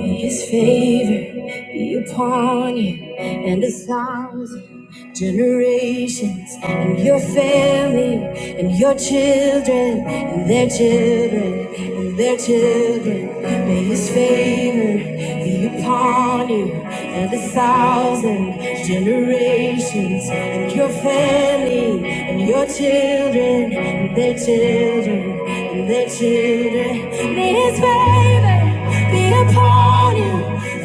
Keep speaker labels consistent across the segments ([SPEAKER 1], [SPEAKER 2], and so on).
[SPEAKER 1] His favor be upon you and a thousand generations and your family and your children and their children and their children. May His favor be upon you and a thousand generations and your family and your children and their children and their children. May His favor be upon you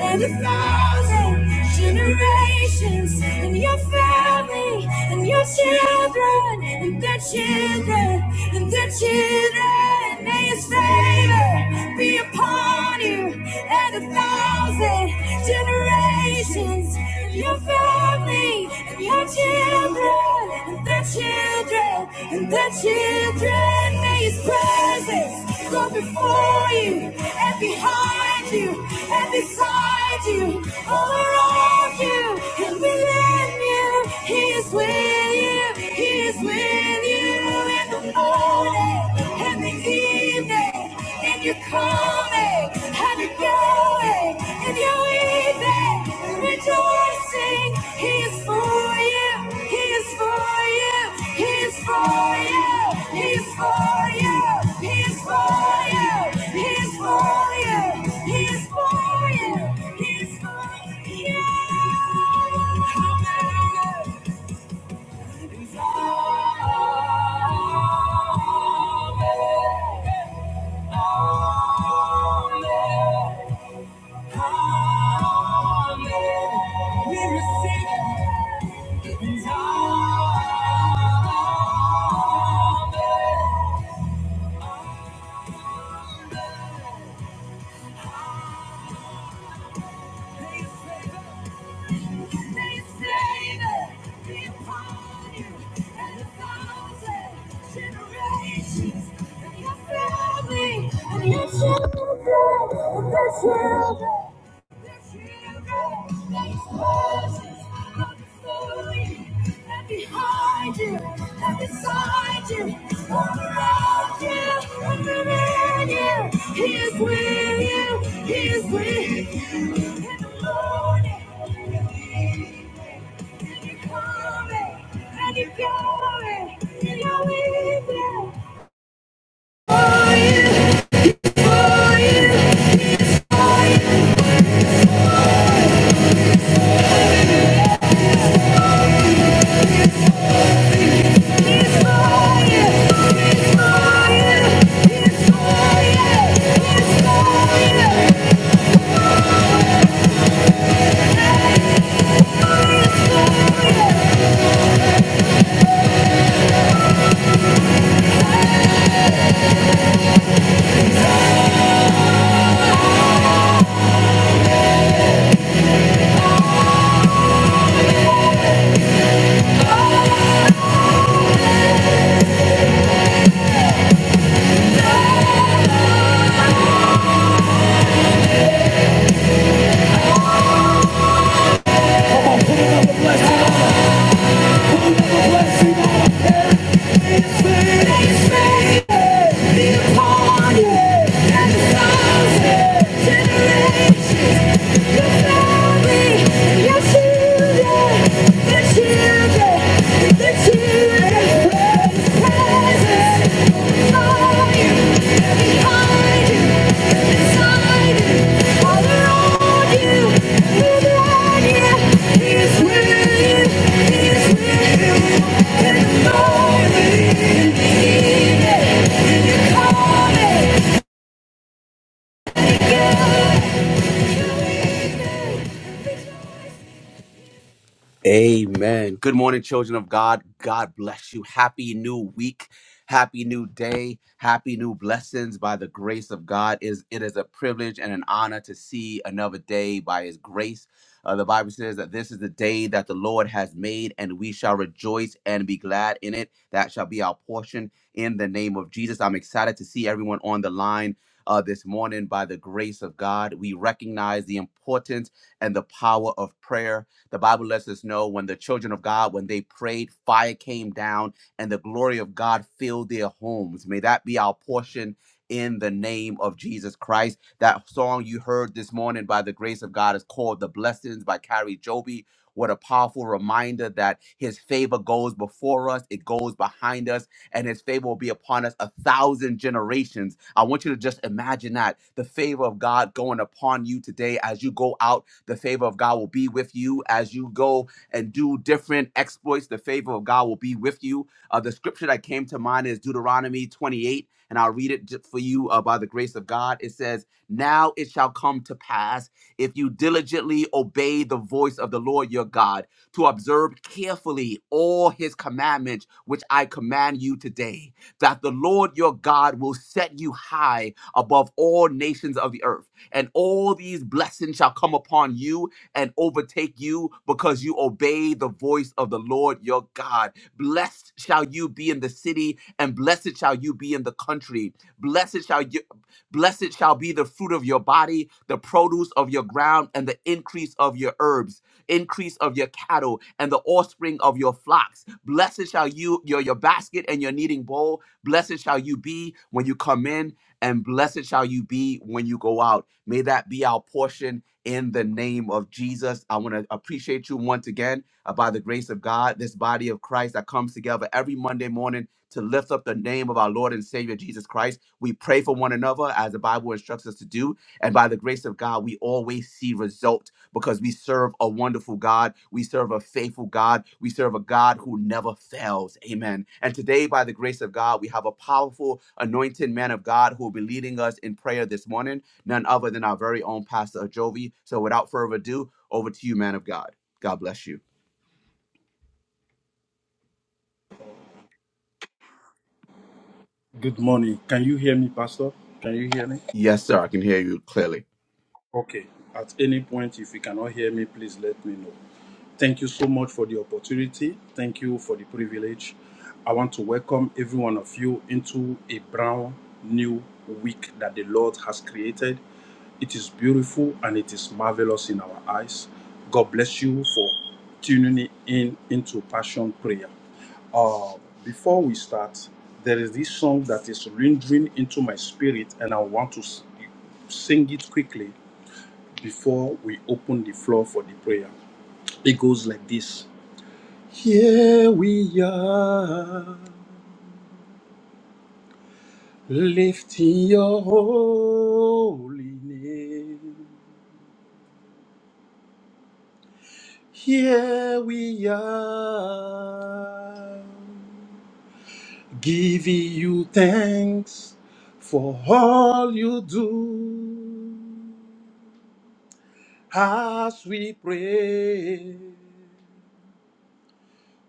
[SPEAKER 1] and a thousand generations and your family and your children and their children and their children. May his favor be upon you and a thousand generations, and your family, and your children, and their children, and their children. May His presence go before you and behind you and beside you, all around you and within you. He is with you. He is with you in the morning and the evening and you're coming, and you're going, and you're weeping, and rejoicing. He is for you, He is for you, He is for you, He is for you, He is for you, He is for you, He is for you, He is for you. Amen. He's all. Generations and your family and your children and their children. Behind you, and beside you, all around you, and within you, He is with you, He is with you. In the morning, in the evening, and you're coming, and you're going, and you weeping. Children, the children, children's presence, fire. Thank you.
[SPEAKER 2] Good morning. Can you hear me, Pastor? Can you hear me? Okay. At any point, if you cannot hear me, please let me know. Thank you so much for the opportunity. Thank you for the privilege. I want to welcome every one of you into a brand new week that the Lord has created. It is beautiful and it is marvelous in our eyes. God bless you for tuning in into Passion Prayer. Uh, before we start, there is this song that is rendering into my spirit, and I want to s- sing it quickly before we open the floor for the prayer. It goes like this Here we are, lifting your holy name. Here we are, giving you thanks for all you do as we pray.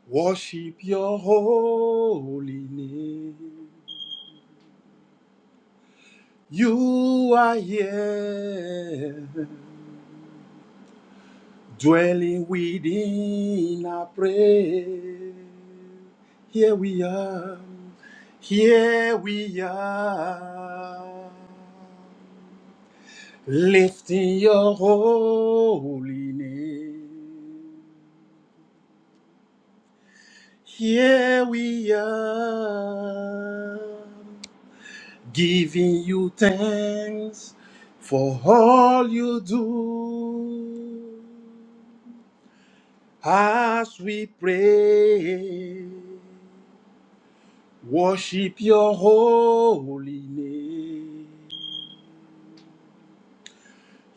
[SPEAKER 2] Worship your holy name. You are here, dwelling within our prayer. Here we are, here we are, lifting your holy name. Here we are, giving you thanks for all you do as we pray worship your holy name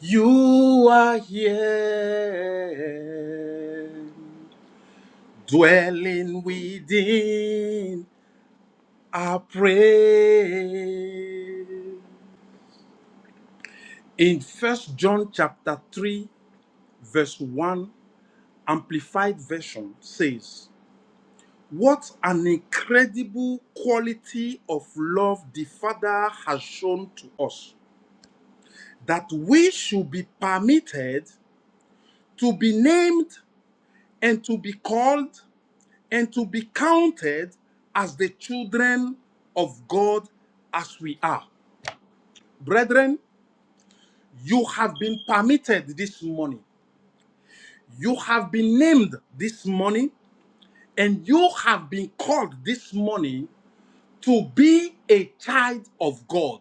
[SPEAKER 2] you are here dwelling within our praise in first john chapter 3 verse 1 Amplified Version says, What an incredible quality of love the Father has shown to us, that we should be permitted to be named and to be called and to be counted as the children of God as we are. Brethren, you have been permitted this morning. You have been named this morning and you have been called this morning to be a child of God.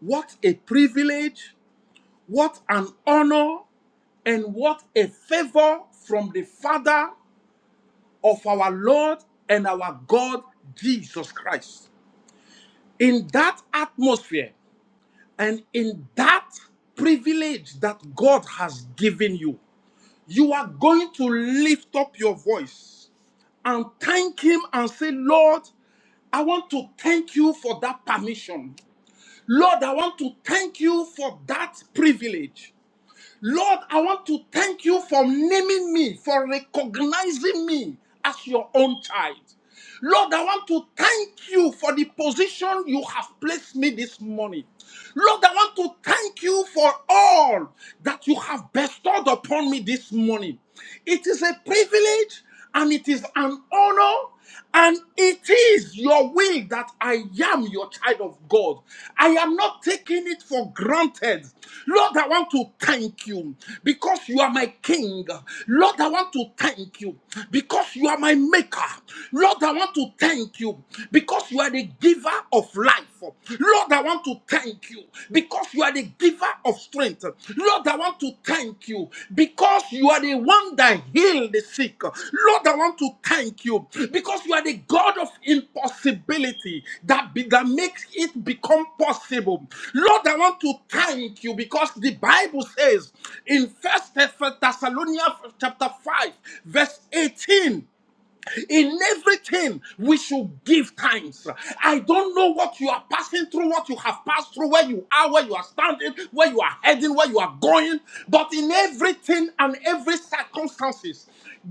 [SPEAKER 2] What a privilege, what an honor, and what a favor from the Father of our Lord and our God Jesus Christ. In that atmosphere and in that privilege that God has given you, you are going to lift up your voice and thank Him and say, Lord, I want to thank you for that permission. Lord, I want to thank you for that privilege. Lord, I want to thank you for naming me, for recognizing me as your own child. Lord, I want to thank you for the position you have placed me this morning. Lord, I want to thank you for all that you have bestowed upon me this morning. It is a privilege and it is an honor. And it is your will that I am your child of God. I am not taking it for granted. Lord, I want to thank you because you are my king. Lord, I want to thank you because you are my maker. Lord, I want to thank you because you are the giver of life. Lord, I want to thank you because you are the giver of strength. Lord, I want to thank you because you are the one that healed the sick. Lord, I want to thank you because you are the God of impossibility that, be, that makes it become possible. Lord, I want to thank you because the Bible says in First Thessalonians chapter 5, verse 18. In everything, we should give thanks. I don't know what you are passing through, what you have passed through, where you are, where you are standing, where you are heading, where you are going, but in everything and every circumstances,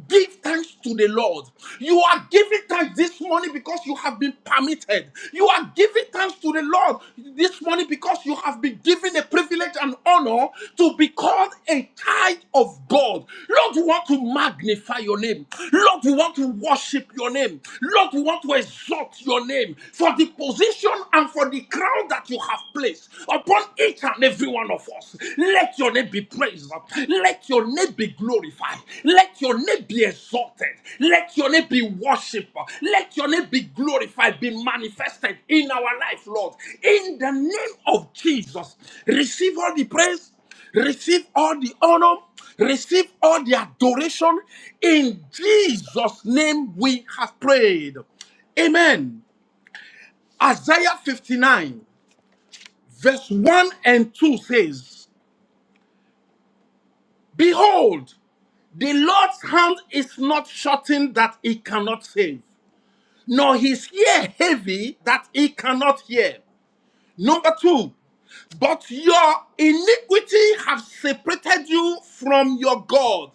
[SPEAKER 2] give thanks to the Lord. You are giving thanks this morning because you have been permitted. You are giving thanks to the Lord this morning morning because you have been given the privilege and honor to be called a child of God. Lord, we want to magnify your name. Lord, we want to worship your name. Lord, we want to exalt your name for the position and for the crown that you have placed upon each and every one of us. Let your name be praised. Let your name be glorified glorified. Let your name be exalted. Let your name be worshipped. Let your name be glorified, be manifested in our life, Lord. In the name of Jesus, receive all the praise, receive all the honor, receive all the adoration. In Jesus' name, we have prayed. Amen. Isaiah 59, verse 1 and 2 says, Behold, The Lord's hand is not shortened that he cannot save, nor his ear heavy that he cannot hear. Number two, but your iniquity have separated you from your God,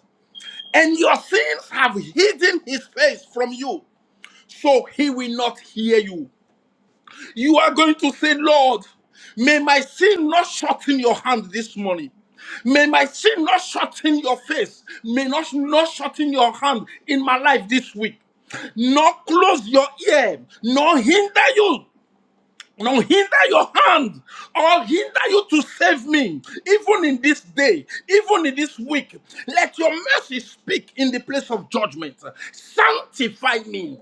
[SPEAKER 2] and your sins have hidden his face from you, so he will not hear you. You are going to say, Lord, may my sin not shorten your hand this morning. May my sin not shorten your face. May not, not shorten your hand in my life this week. Nor close your ear, nor hinder you no hinder your hand or hinder you to save me, even in this day, even in this week. Let your mercy speak in the place of judgment. Sanctify me,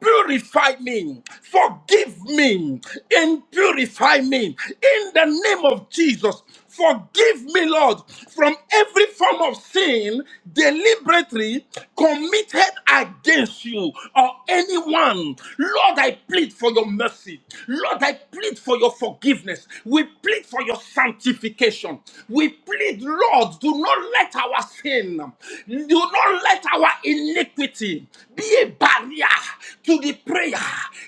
[SPEAKER 2] purify me, forgive me, and purify me in the name of Jesus. Forgive me, Lord, from every form of sin deliberately committed against you or anyone. Lord, I plead for your mercy. Lord, I plead for your forgiveness. We plead for your sanctification. We plead, Lord, do not let our sin, do not let our iniquity be a barrier to the prayer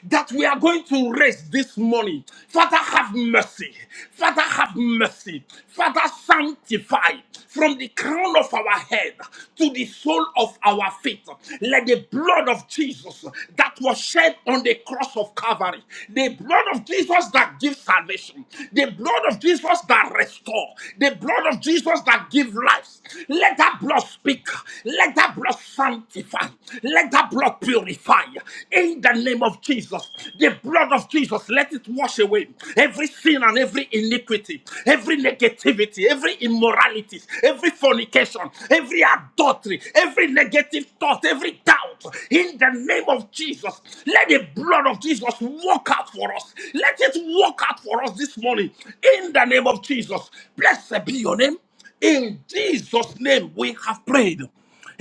[SPEAKER 2] that we are going to raise this morning. Father, have mercy. Father, have mercy. Father, sanctify from the crown of our head to the sole of our feet. Let the blood of Jesus that was shed on the cross of Calvary, the blood of Jesus that gives salvation, the blood of Jesus that restores, the blood of Jesus that gives life, let that blood speak. Let that blood sanctify. Let that blood purify. In in the name of Jesus, the blood of Jesus, let it wash away every sin and every iniquity, every negativity, every immorality, every fornication, every adultery, every negative thought, every doubt. In the name of Jesus, let the blood of Jesus walk out for us. Let it walk out for us this morning. In the name of Jesus, blessed be your name. In Jesus' name, we have prayed.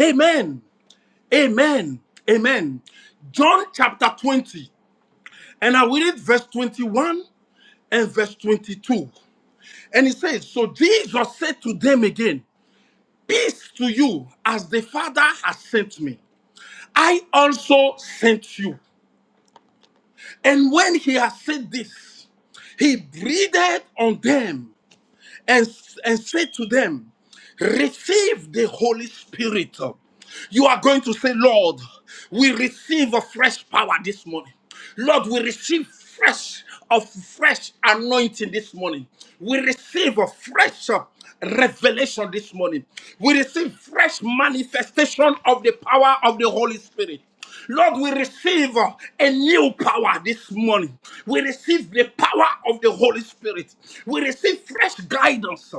[SPEAKER 2] Amen. Amen. Amen. John chapter 20. And I will read verse 21 and verse 22. And it says, So Jesus said to them again, Peace to you, as the Father has sent me. I also sent you. And when he had said this, he breathed on them and, and say to them, Receive the Holy Spirit. You are going to say, Lord, we receive a fresh power this morning. Lord, we receive fresh of fresh anointing this morning. We receive a fresh uh, revelation this morning. We receive fresh manifestation of the power of the Holy Spirit. Lord, we receive uh, a new power this morning. We receive the power of the Holy Spirit. We receive fresh guidance.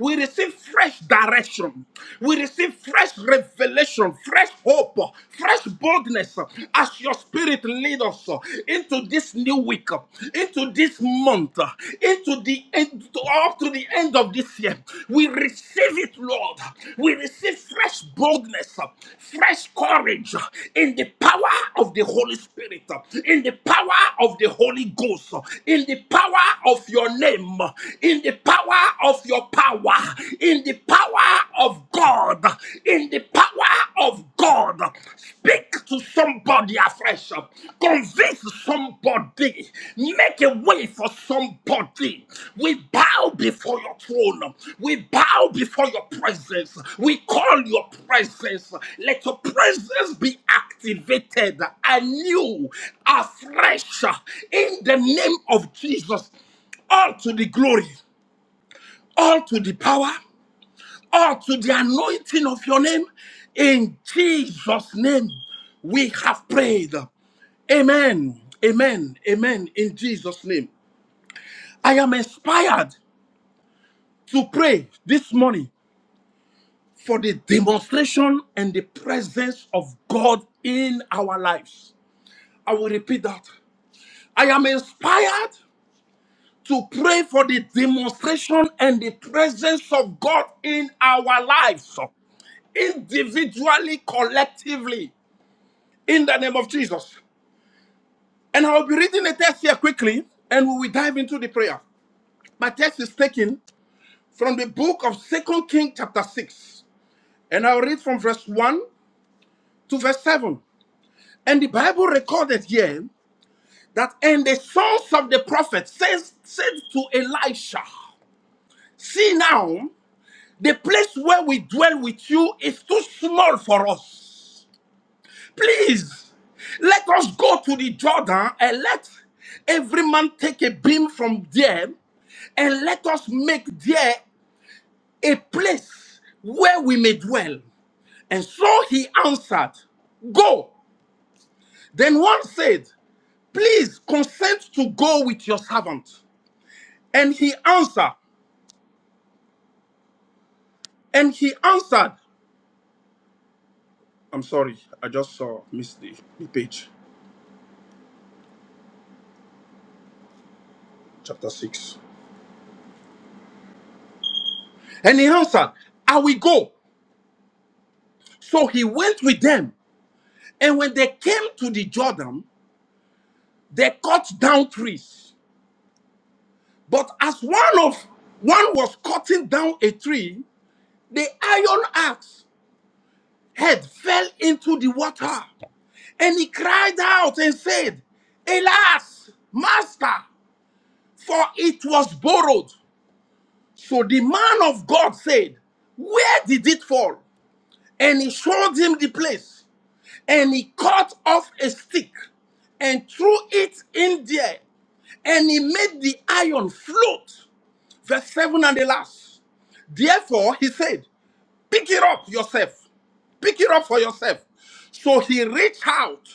[SPEAKER 2] We receive fresh direction. We receive fresh revelation, fresh hope, uh, fresh boldness uh, as your spirit leads us uh, into this new week, uh, into this month, uh, into the end up to the end of this year. We receive it, Lord. We receive fresh boldness, fresh courage in the power of the Holy Spirit, in the power of the Holy Ghost, in the power of your name, in the power of your power, in the power of God, in the power of God. Speak to somebody afresh. Convince somebody. Make a way for somebody. We bow before your throne. We bow before your presence. We call your presence. Let your presence be activated anew, afresh, in the name of Jesus. All to the glory, all to the power, or to the anointing of your name. In Jesus' name, we have prayed. Amen. Amen. Amen. In Jesus' name. I am inspired to pray this morning for the demonstration and the presence of God in our lives. I will repeat that. I am inspired to pray for the demonstration and the presence of God in our lives individually, collectively. in the name of Jesus. And I'll be reading a text here quickly and we will dive into the prayer. My text is taken from the book of Second Kings, chapter 6. And I'll read from verse 1 to verse 7. And the Bible recorded here that, and the sons of the prophet says, said to Elisha, See now, the place where we dwell with you is too small for us. Please, let us go to the Jordan and let every man take a beam from there and let us make there a place where we may dwell. And so he answered, Go. Then one said, Please consent to go with your servant. And he answered, and he answered, I'm sorry, I just saw missed the, the page, chapter 6. And he answered, I will go. So he went with them And when they came to the Jordan, they cut down trees. But as one of one was cutting down a tree, the iron axe head fell into the water. And he cried out and said, Alas, master, for it was borrowed. So the man of God said, Where did it fall? And he showed him the place. and he cut off a stick and threw it in there and he made the iron float. Verse 7 and the last. Therefore, he said, Pick it up yourself. Pick it up for yourself. So he reached out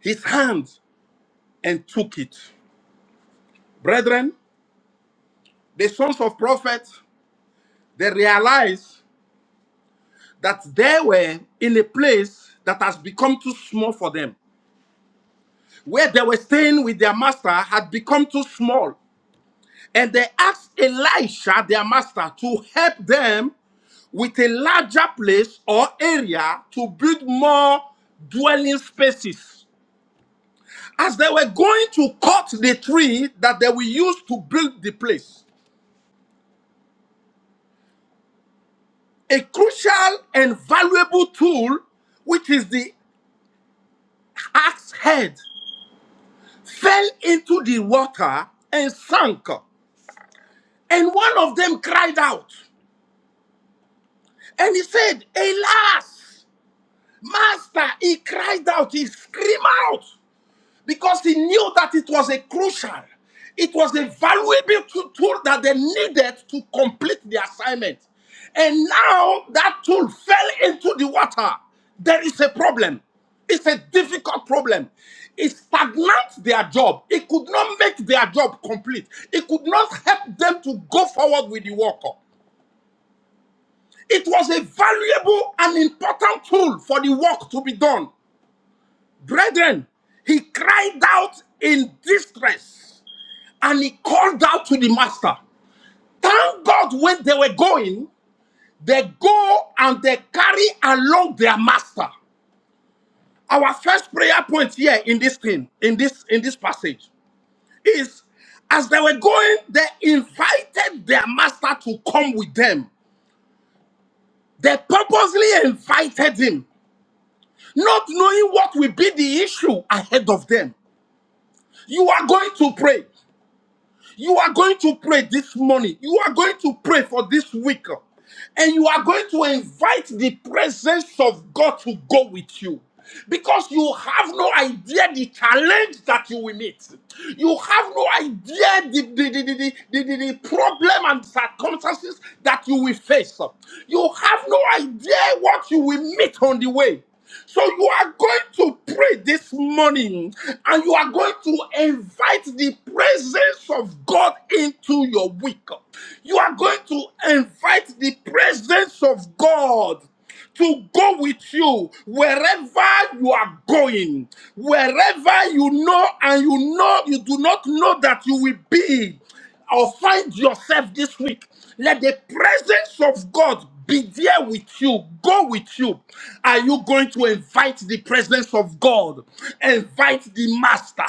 [SPEAKER 2] his hand and took it. Brethren, the sons of prophets, they realized that they were in a place that has become too small for them. Where they were staying with their master had become too small. And they asked Elisha, their master, to help them with a larger place or area to build more dwelling spaces. As they were going to cut the tree that they will use to build the place, a crucial and valuable tool, which is the axe head, fell into the water and sank. And one of them cried out and he said, Alas! Master, he cried out, he screamed out because he knew that it was a crucial, it was a valuable to- tool that they needed to complete the assignment. And now that tool fell into the water. There is a problem. It's a difficult problem. It stagnates their job. It could not make their job complete. It could not help them to go forward with the work. It was a valuable and important tool for the work to be done. Brethren, he cried out in distress and he called out to the master. Thank God when they were going, they go and they carry along their master. Our first prayer point here in this thing, in this in this passage, is as they were going, they invited their master to come with them. They purposely invited him, not knowing what will be the issue ahead of them. You are going to pray. You are going to pray this morning. You are going to pray for this week. And you are going to invite the presence of God to go with you. Because you have no idea the challenge that you will meet. You have no idea the, the, the, the, the, the, the problem and circumstances that you will face. You have no idea what you will meet on the way. So you are going to pray this morning and you are going to invite the presence of God into your week. You are going to invite the presence of God to go with you wherever you are going, wherever you know and you know you do not know that you will be or find yourself this week, let the presence of God be there with you, go with you. Are you going to invite the presence of God? Invite the Master,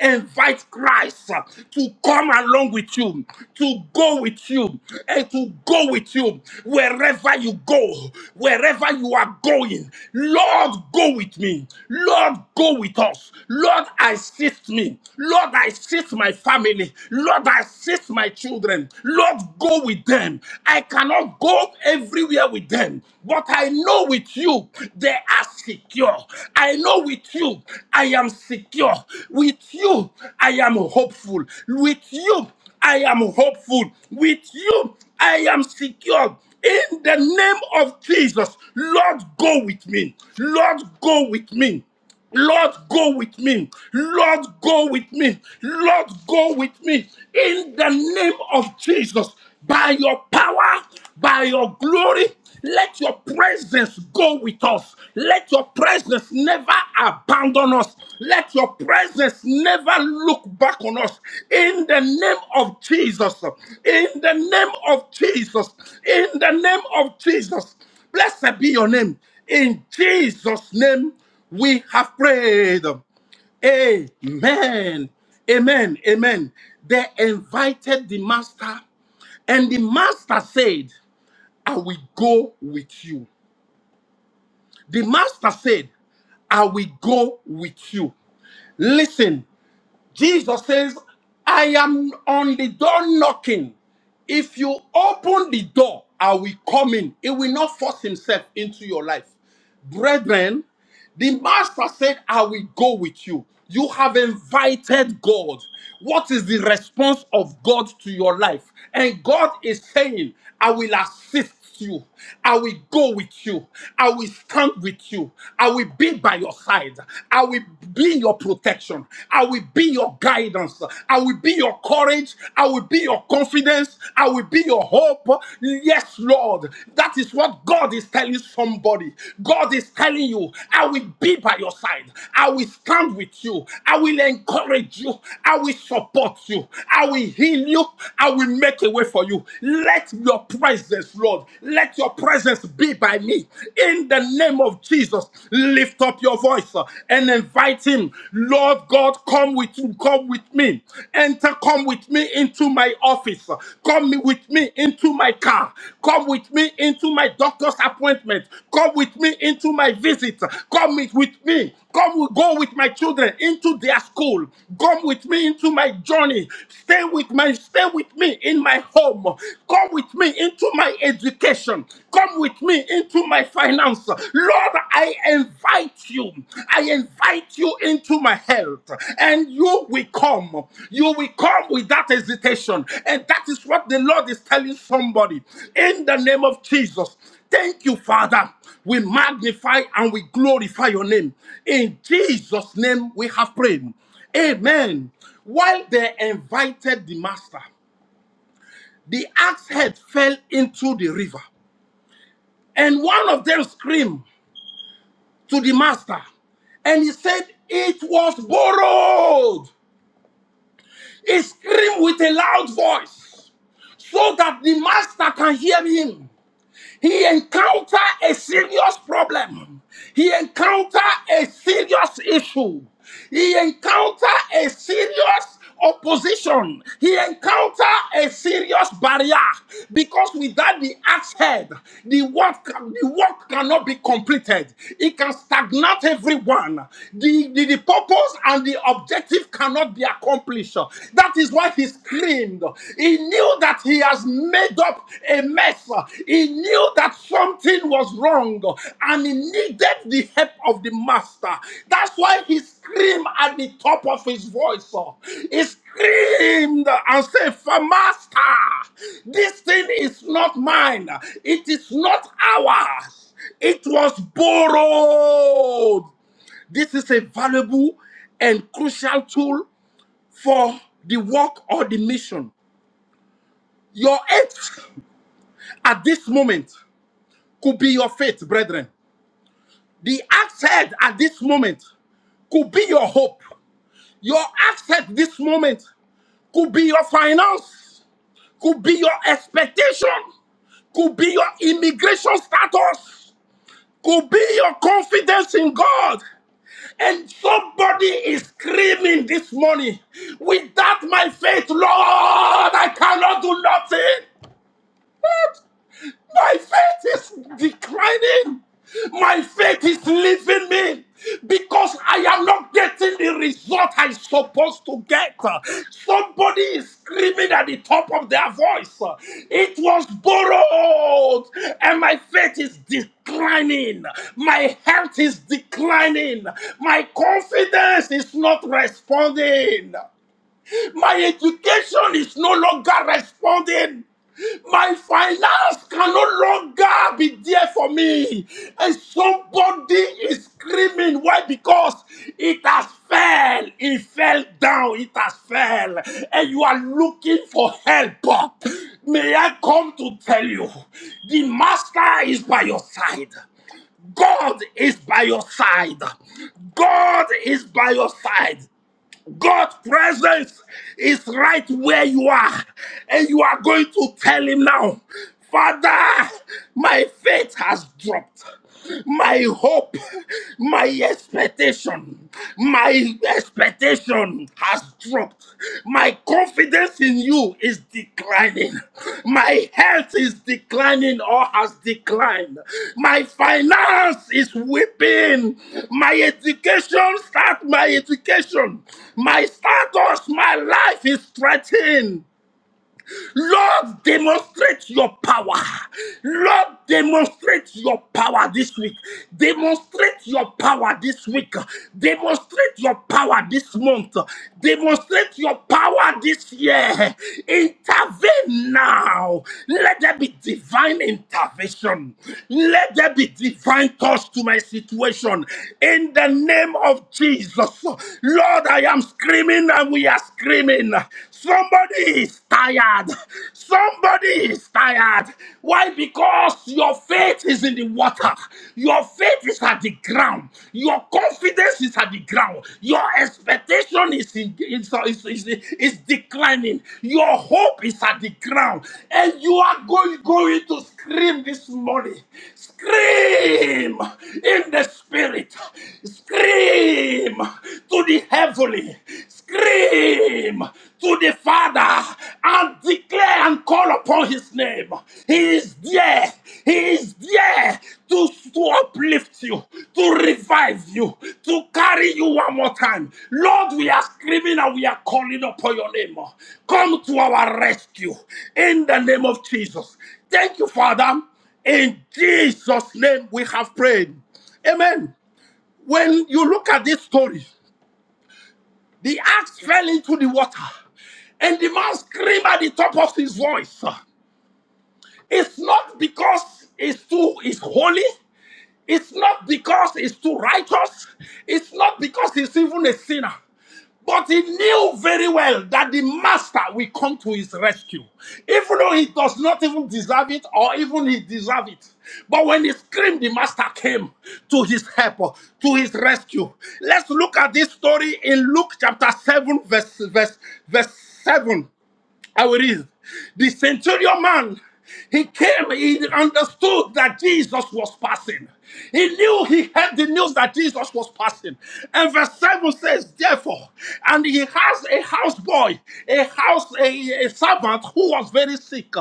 [SPEAKER 2] invite Christ to come along with you, to go with you, and to go with you wherever you go, wherever you are going. Lord, Lord, go with me. Lord, go with us. Lord, assist me. Lord, assist my family. Lord, assist my children. Lord, go with them. I cannot go everywhere with them, but I know with you they are secure. I know with you I am secure. With you I am hopeful. With you I am hopeful. With you, I am secure. In the name of Jesus, Lord, go with me. Lord, go with me. Lord, go with me. Lord, go with me. Lord, go with me. In the name of Jesus, by your power, by your glory. Let your presence go with us. Let your presence never abandon us. Let your presence never look back on us. In the name of Jesus. In the name of Jesus. In the name of Jesus. Blessed be your name. In Jesus' name, we have prayed. Amen. Amen. Amen. They invited the master and the master said, I will go with you. The master said, I will go with you. Listen, Jesus says, I am on the door knocking. If you open the door, I will come in. He will not force himself into your life. Brethren, the master said, I will go with you. You have invited God. What is the response of God to your life? And God is saying, I will assist you. I will go with you. I will stand with you. I will be by your side. I will be your protection. I will be your guidance. I will be your courage. I will be your confidence. I will be your hope. Yes, Lord. That is what God is telling somebody. God is telling you, I will be by your side. I will stand with you. I will encourage you. I will support you. I will heal you. I will make a way for you. Let your your presence, Lord. Let your presence be by me. In the name of Jesus, lift up your voice uh, and invite him. Lord God, come with You, come with me. Enter, come with me into my office. Come with me into my car. Come with me into my doctor's appointment. Come with me into my visit. Come with with me. Come go with my children into their school. Come with me into my journey. Stay with my stay with me in my home home. Come with me into my education. Come with me into my finance. Lord, I invite you. I invite you into my health. And you will come. You will come without hesitation. And that is what the Lord is telling somebody. In the name of Jesus. Thank you, Father. We magnify and we glorify your name. In Jesus' name we have prayed. Amen. While they invited the master, the axe head fell into the river, and one of them screamed to the master, and he said, It was borrowed. He screamed with a loud voice so that the master can hear him. He encountered a serious problem. He encountered a serious issue. He encountered a serious opposition. He encountered a serious barrier because without the axe head, the work, the work cannot be completed. It can stagnate everyone. The, the, the purpose and the objective cannot be accomplished. That is why he screamed. He knew that he has made up a mess. He knew that something was wrong and he needed the help of the master. That's why he screamed at the top of his voice. He screamed and said, "For Master, this thing is not mine. It is not ours. It was borrowed. This is a valuable and crucial tool for the work or the mission. Your eighth at this moment could be your faith, brethren. The axe head at this moment could be your hope. Your axe head this moment could be your finance, could be your expectation, could be your immigration status, could be your confidence in God. And somebody is screaming this morning, without my faith, Lord, I cannot do nothing. My faith is declining. My faith is leaving me because I am not getting the result I'm supposed to get. Somebody is screaming at the top of their voice. It was borrowed, and my faith is declining. My health is declining. My confidence is not responding. My education is no longer responding. My finance can no longer be there for me. And somebody is screaming. Why? Because it has fell. It fell down. It has fell. And you are looking for help. May I come to tell you the master is by your side. God is by your side. God is by your side. God's presence is right where you are, and you are going to tell Him now, Father, my faith has dropped. My hope, my expectation, my expectation has dropped. My confidence in you is declining. My health is declining or has declined. My finance is weeping. My education, start my education. My status, my life is threatened. Lord, demonstrate your power. Lord, demonstrate your power this week. Demonstrate your power this week. Demonstrate your power this month. Demonstrate your power this year. Intervene now. Let there be divine intervention. Let there be divine touch to my situation. In the name of Jesus. Lord, I am screaming and we are screaming screaming. Somebody is tired. Somebody is tired. Why? Because your faith is in the water. Your faith is at the ground. Your confidence is at the ground. Your expectation is, in, is, is, is, is declining. Your hope is at the ground. And you are going, going to scream this morning. Scream in the spirit. Scream to to the heavenly, scream to the Father and declare and call upon his name. He is there. He is there to, to uplift you, to revive you, to carry you one more time. Lord, we are screaming and we are calling upon your name. Come to our rescue in the name of Jesus. Thank you, Father. In Jesus' name we have prayed. Amen. When you look at this story, the axe fell into the water, and the man screamed at the top of his voice. It's not because it's too it's holy. It's not because he's too righteous, it's not because he's even a sinner. But he knew very well that the master will come to his rescue, even though he does not even deserve it or even he deserve it. But when he screamed, the master came to his help, to his rescue. Let's look at this story in Luke chapter 7, verse, verse, verse 7. I will read. The centurion man, he came, he understood that Jesus was passing. He knew he heard the news that Jesus was passing. And verse 7 says, Therefore, and he has a houseboy, a house, a, a servant who was very sick.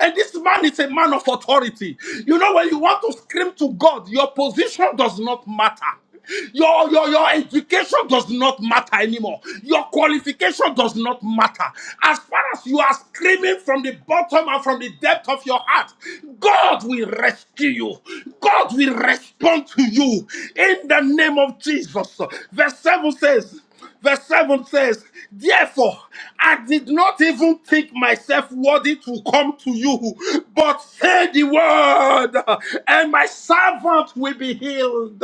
[SPEAKER 2] And this man is a man of authority. You know, when you want to scream to God, your position does not matter. Your, your, your education does not matter anymore. Your qualification does not matter. As far as you are screaming from the bottom and from the depth of your heart, God will rescue you. God will respond to you in the name of Jesus. Verse 7 says, Verse 7 says, Therefore, I did not even think myself worthy to come to you, but say the word, and my servant will be healed.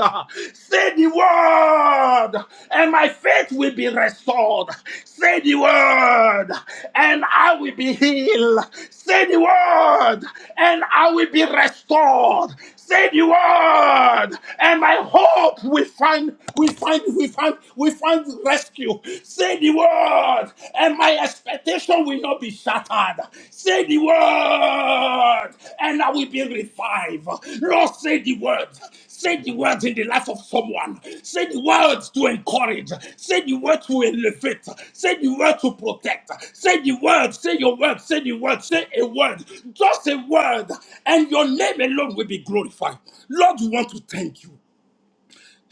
[SPEAKER 2] Say the word, and my faith will be restored. Say the word, and I will be healed. Say the word, and I will be restored. Said you word, and by hope we find, we find, we find, we find rescue. Say the word, and my expectation will not be shattered. Say the word, and I will be revived. Lord, say the word. Say the words in the life of someone. Say the words to encourage. Say the word to elevate. Say the word to protect. Say the word. Say your word. Say the word. Say a word. Just a word. And your name alone will be glorified. Lord, we want to thank you.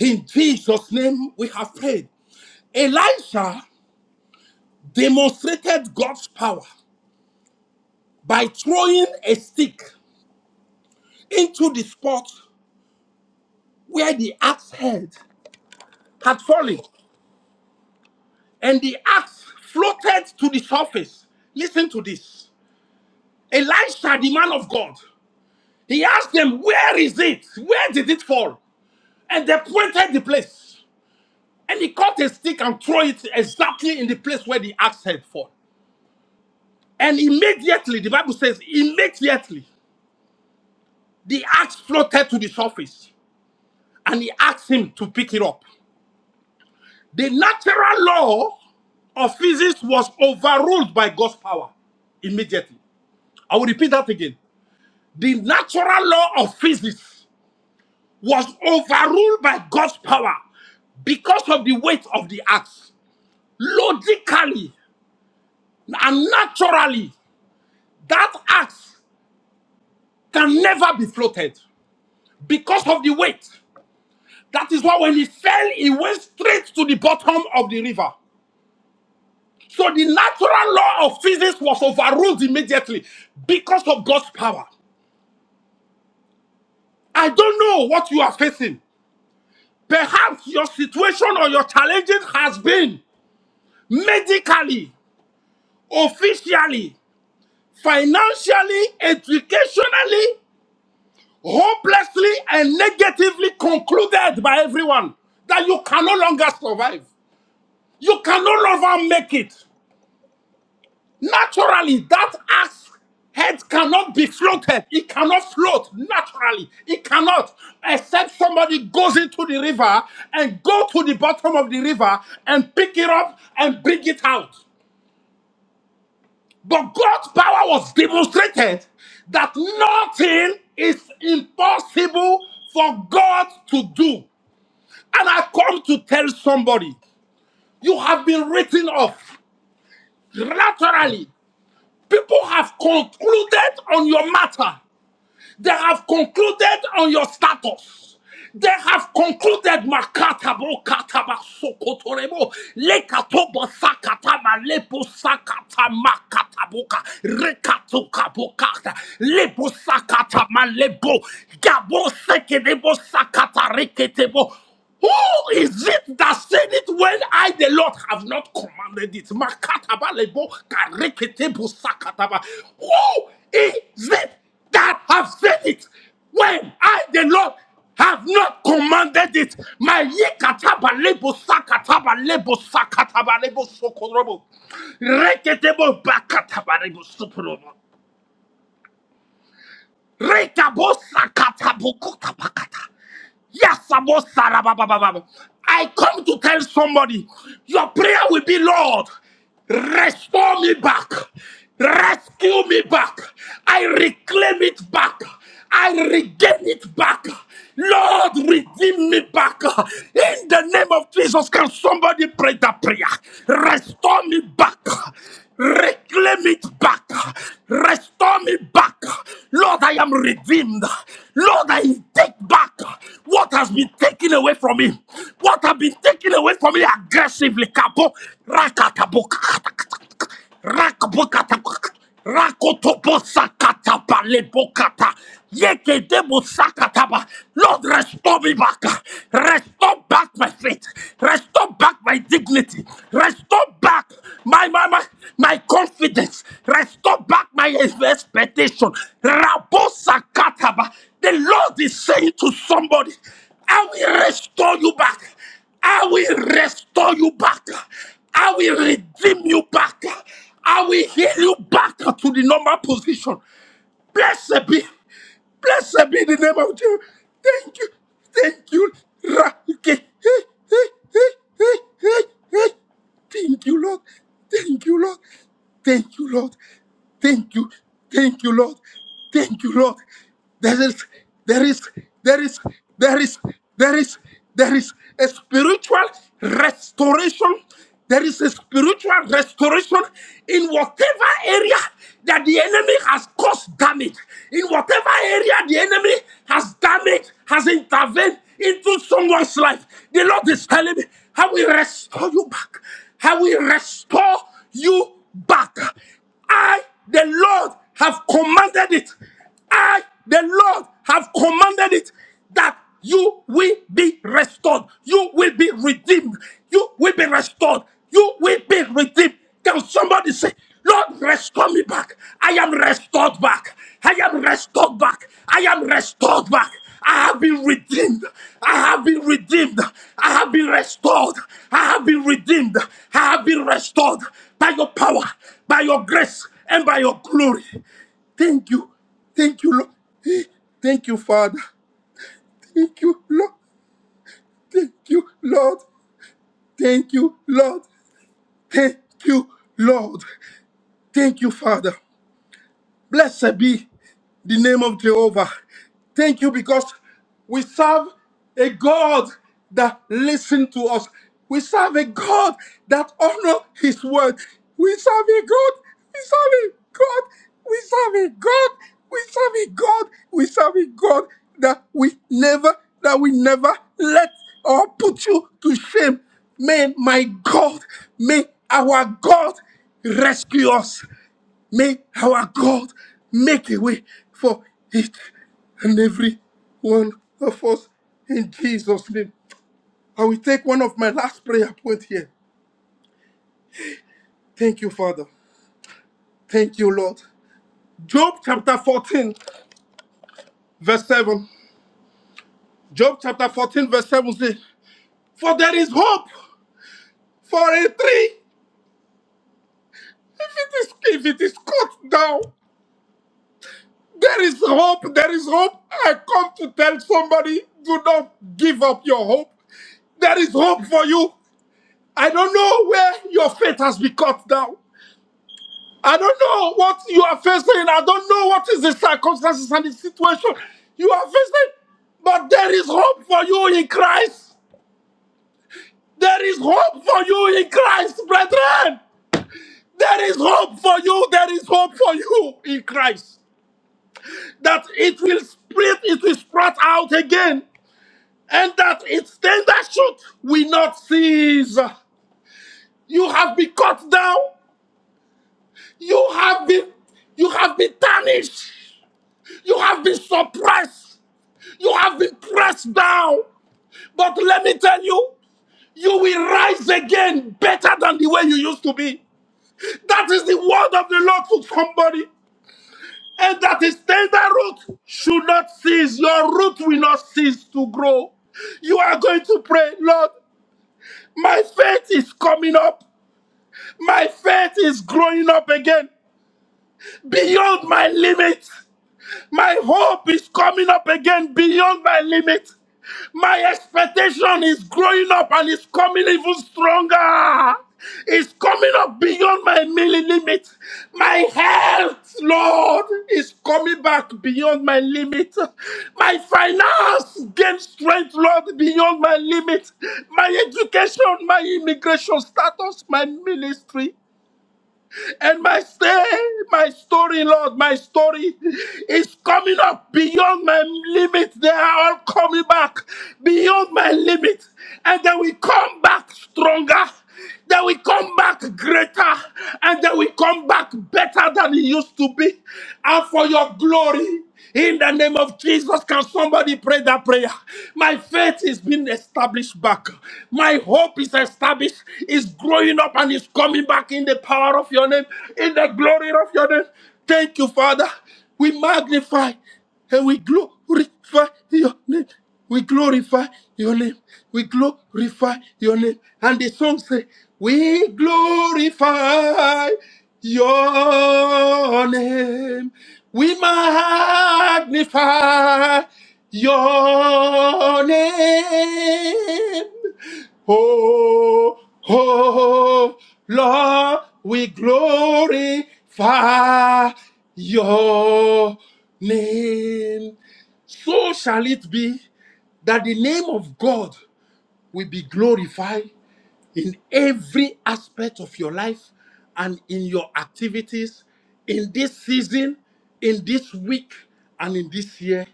[SPEAKER 2] In Jesus' name, we have prayed. Elisha demonstrated God's power by throwing a stick into the spot where the axe head had fallen. and the axe floated to the surface. Listen to this. Elisha, the man of God, he asked them, Where is it? Where did it fall? And they pointed the place. And he caught a stick and threw it exactly in the place where the axe had fallen. And immediately, the Bible says, immediately, the axe floated to the surface. And he asked him to pick it up. The natural law of physics was overruled by God's power immediately. I will repeat that again. the natural law of physics was overruled by God's power because of the weight of the axe. Logically and naturally, that axe can never be floated because of the weight. That is why when it fell, it went straight to the bottom of the river. So the natural law of physics was overruled immediately because of God's power. I don't know what you are facing. Perhaps your situation or your challenges has been. medically, officially, financially, educationally, hopelessly, and negatively concluded by everyone that you can no longer survive. You can no longer make it. Naturally, that axe head cannot be floated. It cannot float naturally. It cannot, except somebody goes into the river and go to the bottom of the river and pick it up and bring it out. But God's power was demonstrated that nothing is impossible for God to do. And I come to tell somebody, you have been written off laterally. People have concluded on your matter. They have concluded on your status. They have concluded makatabo kataba sokotorebo lekatobo sakatama lepo sakata makataboka rekato kabokata lepo sakata malebo gabo sekedebo sakata reketebo who is it that said it when I, the Lord, have not commanded it? Makatabalebo kareketebo sakataba. Who is it that have said it when I, the Lord, have not commanded it? My yekatabalebo sakatabalebo sakatabalebo sokorobo. Reketebo bakatabalebo sokorobo. Rekabosa katabukuta pakata. Yes, Abosa rababababa. I come to tell somebody your prayer will be, Lord, restore me back, rescue me back, I reclaim it back, I regain it back. Lord, redeem me back. In the name of Jesus, can somebody pray that prayer? Restore me back. Reclaim it back. Restore me back. Lord, I am redeemed. Lord, I take back what has been taken away from me. What has been taken away from me aggressively. Kabo, rakatabo. Rakabokata. Rakotobosakata palebokata. Yekedebosakataba. Lord, restore me back. Restore back my faith. Restore back my dignity. Restore back my my my, my confidence. Restore back my expectation. Rabosakataba. The Lord is saying to somebody, I will restore you back. I will restore you back. I will redeem you back. I will heal you back to the normal position. Blessed be. Blessed be the name of Jesus. Thank you. Thank you. Ra- ke- eh, eh, eh, eh, eh, eh. Thank you, Lord. Thank you, Lord. Thank you, Lord. Thank you. Thank you, Lord. Thank you, Lord. There is, there is, there is, there is, there is, there is a spiritual restoration. There is a spiritual restoration in whatever area that the enemy has caused damage, in whatever area the enemy has damaged, has intervened into someone's life. The Lord is telling me, I will restore you back. I will restore you back. I, the Lord, have commanded it. I, the Lord, have commanded it that you will be restored. You will be redeemed. You will be restored. You will be redeemed. Can somebody say, Lord, restore me back? I am restored back. I am restored back. I am restored back. I have been redeemed. I have been redeemed. I have been restored. I have been redeemed. I have been restored by your power, by your grace, and by your glory. Thank you. Thank you, Lord. Thank you, Father. Thank you, Lord. Thank you, Lord. Thank you, Lord. Thank you, Lord. Thank you, Father. Blessed be the name of Jehovah. Thank you because we serve a God that listens to us. We serve a God that honors his word. We serve a God. We serve a God. We serve a God. We serve a God. We serve a God that we never, that we never let or put you to shame. May my God, may our God rescue us. May our God make a way for each and every one of us in Jesus' name. I will take one of my last prayer point here. Thank you, Father. Thank you, Lord. Job chapter 14, verse 7. Job chapter 14, verse 7 says, For there is hope for a tree. If it is if it is cut down, there is hope. There is hope. I come to tell somebody, do not give up your hope. There is hope for you. I don't know where your faith has been cut down. I don't know what you are facing. I don't know what is the circumstances and the situation you are facing. But there is hope for you in Christ. There is hope for you in Christ, brethren. There is hope for you. There is hope for you in Christ. That it will spread, it will sprout out again, and that its tender shoot will not cease. You have been cut down. You have been you have been tarnished. You have been suppressed. You have been pressed down. But let me tell you, you will rise again better than the way you used to be. That is the word of the Lord to somebody. And that is tender root should not cease. Your root will not cease to grow. You are going to pray, Lord, my faith is coming up. My faith is growing up again beyond my limits. My hope is coming up again beyond my limit. My expectation is growing up and it's coming even stronger. It's coming up beyond my mili- limit. My health, Lord, is coming back beyond my limit. My finance gain strength, Lord, beyond my limit. My education, my immigration status, my ministry. And my stay, my story, Lord, my story is coming up beyond my limit. They are all coming back beyond my limit. And they will come back stronger. They will come back greater. And they will come back better than it used to be. And for your glory. In the name of Jesus, can somebody pray that prayer? My faith is being established back. My hope is established, is growing up and is coming back in the power of your name, in the glory of your name. Thank you, Father. We magnify and we glorify glorify your name. We glorify your name. We glorify your name. And the song say, We glorify your name. We magnify your name. Oh, oh, Lord, we glorify your name. So shall it be that the name of God will be glorified in every aspect of your life and in your activities in this season, in this week, and in this year.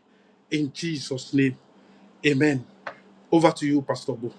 [SPEAKER 2] In Jesus' name, amen. Over to you, Pastor Bo.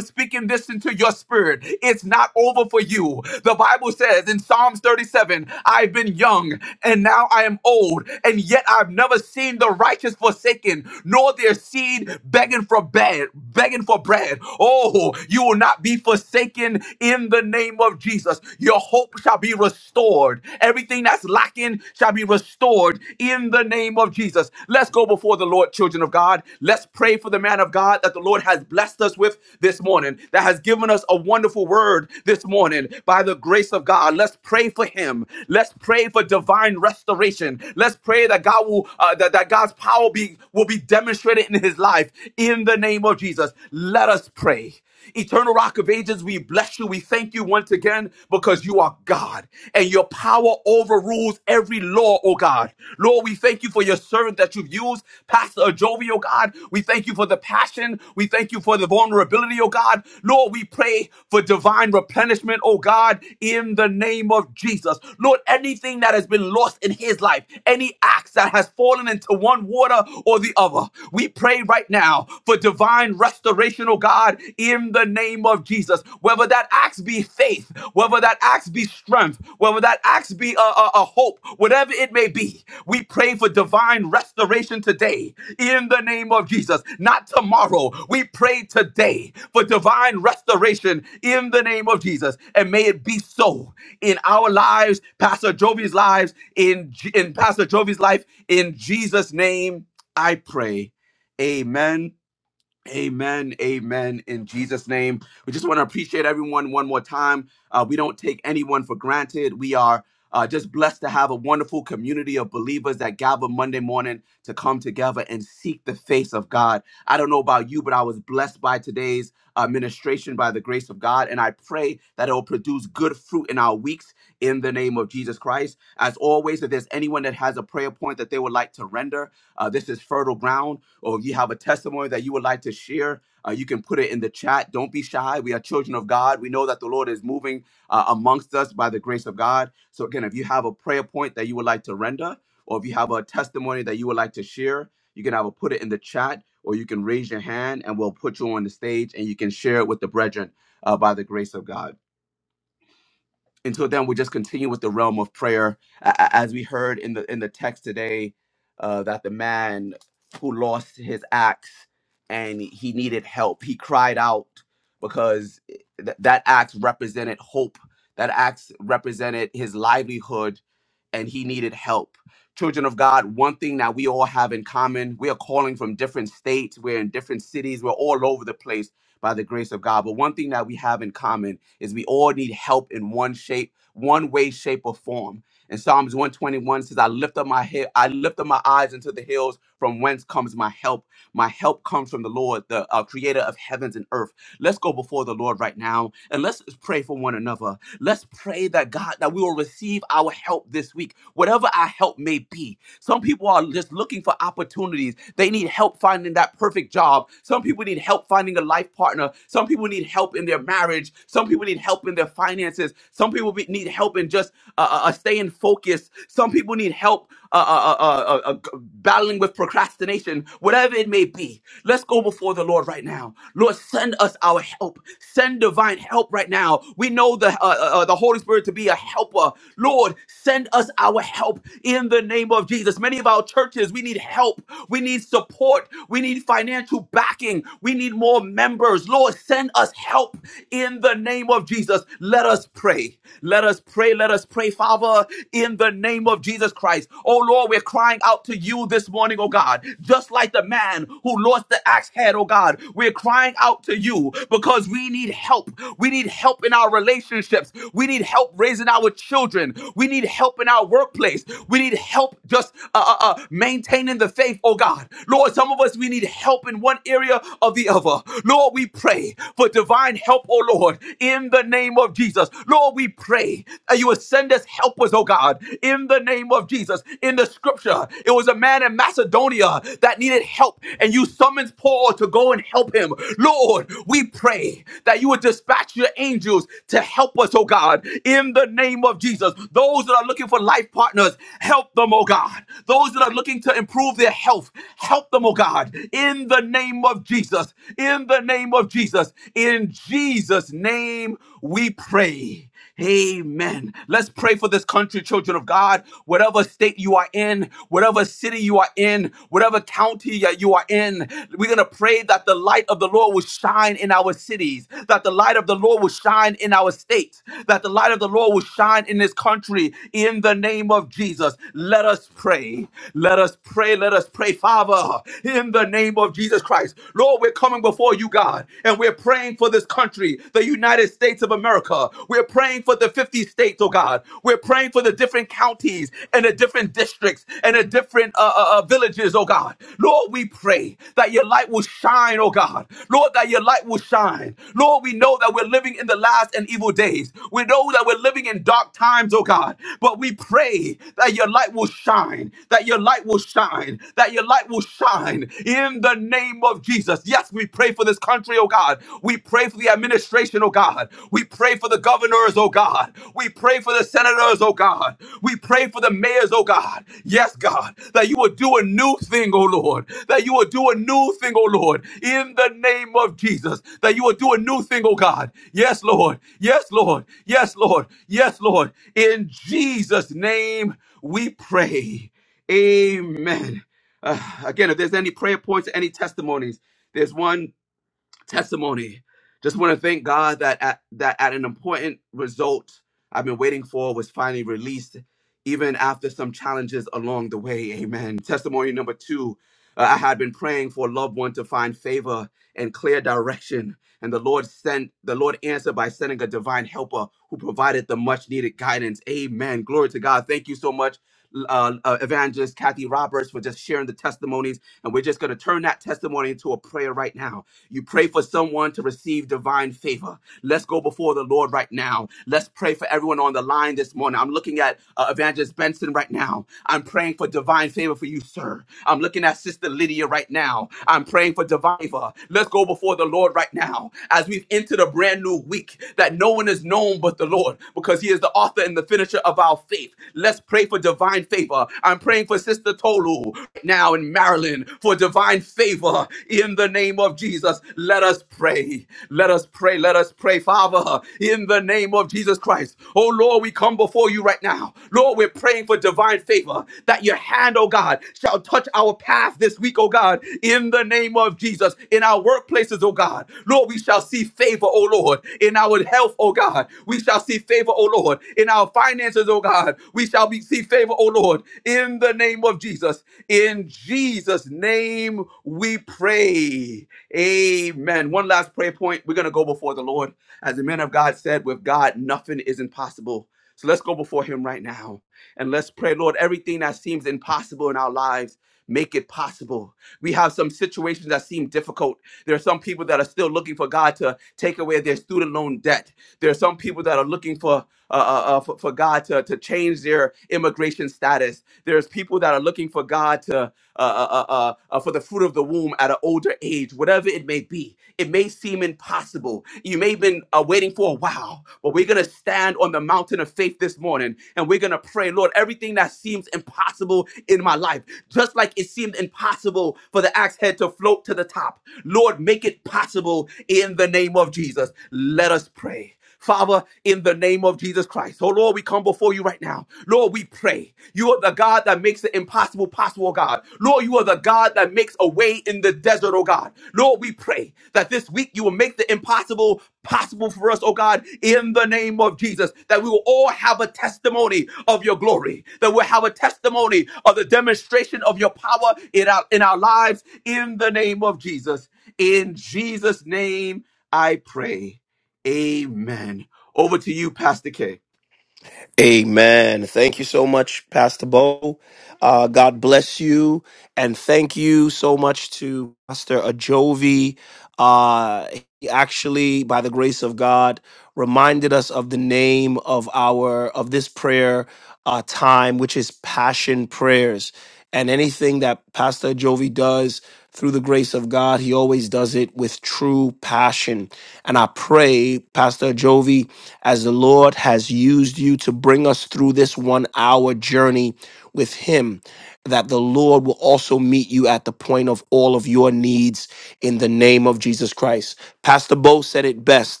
[SPEAKER 3] Amen. Thank you so much, Pastor Bo. Uh, God bless you. And thank you so much to Pastor Ajovi. Uh, he actually, by the grace of God, reminded us of the name of our of this prayer uh, time, which is passion prayers. And anything that Pastor Jovi does through the grace of God, he always does it with true passion. And I pray, Pastor Jovi, as the Lord has used you to bring us through this one hour journey with him, that the Lord will also meet you at the point of all of your needs in the name of Jesus Christ. Pastor Bo said it best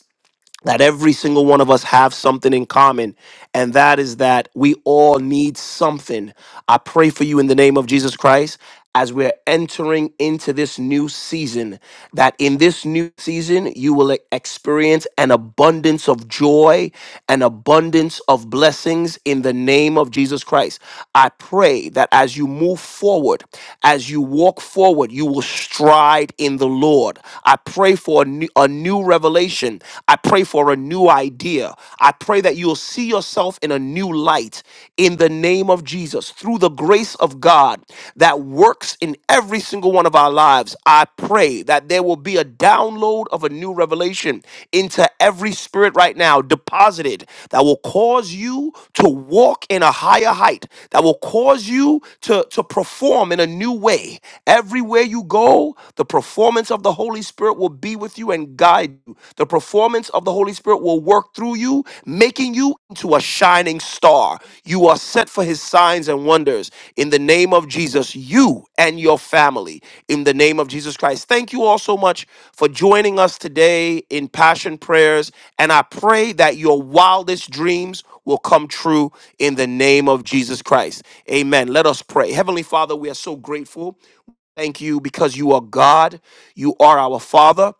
[SPEAKER 3] that every single one of us have something in common and that is that we all need something i pray for you in the name of jesus christ as we're entering into this new season that in this new season you will e- experience an abundance of joy an abundance of blessings in the name of jesus christ i pray that as you move forward as you walk forward you will stride in the lord i pray for a new, a new revelation. I pray for a new idea. I pray that you'll see yourself in a new light in the name of Jesus through the grace of God that works in every single one of our lives. I pray that there will be a download of a new revelation into every spirit right now deposited that will cause you to walk in a higher height, that will cause you to, to perform in a new way. Everywhere you go, the performance of the Holy Spirit will be with you and guide you. The performance of the Holy Spirit will work through you, making you into a shining star. You are set for his signs and wonders. In the name of Jesus, you and your family. In the name of Jesus Christ. Thank you all so much for joining us today in Passion Prayers. And I pray that your wildest dreams will come true in the name of Jesus Christ. Amen. Let us pray. Heavenly Father, we are so grateful. Thank you because you are God. You are our Father.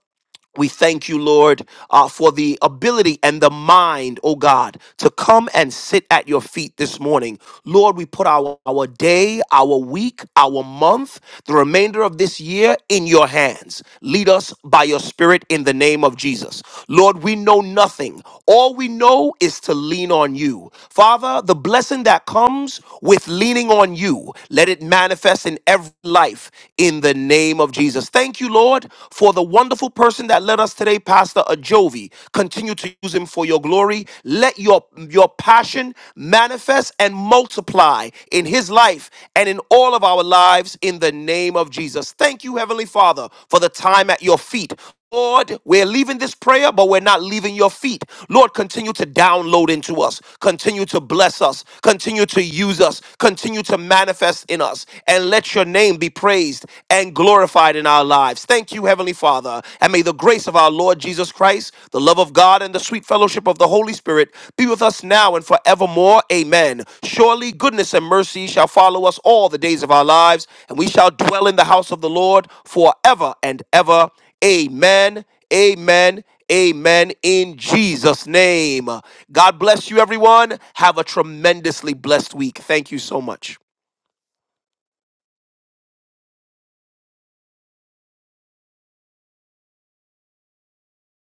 [SPEAKER 3] We thank you, Lord, uh, for the ability and the mind, oh God, to come and sit at your feet this morning. Lord, we put our, our day, our week, our month, the remainder of this year in your hands. Lead us by your spirit in the name of Jesus. Lord, we know nothing. All we know is to lean on you. Father, the blessing that comes with leaning on you, let it manifest in every life in the name of Jesus thank you, Lord, for the wonderful person that led us today, Pastor Ajovi. Continue to use him for your glory. Let your, your passion manifest and multiply in his life and in all of our lives in the name of Jesus. Thank you, Heavenly Father, for the time at your feet Lord, we're leaving this prayer, but we're not leaving your feet. Lord, continue to download into us, continue to bless us, continue to use us, continue to manifest in us, and let your name be praised and glorified in our lives. Thank you, Heavenly Father. And may the grace of our Lord Jesus Christ, the love of God, and the sweet fellowship of the Holy Spirit be with us now and forevermore. Amen. Surely goodness and mercy shall follow us all the days of our lives, and we shall dwell in the house of the Lord forever and ever. Amen. Amen. Amen. In Jesus' name. God bless you, everyone. Have a tremendously blessed week. Thank you so much.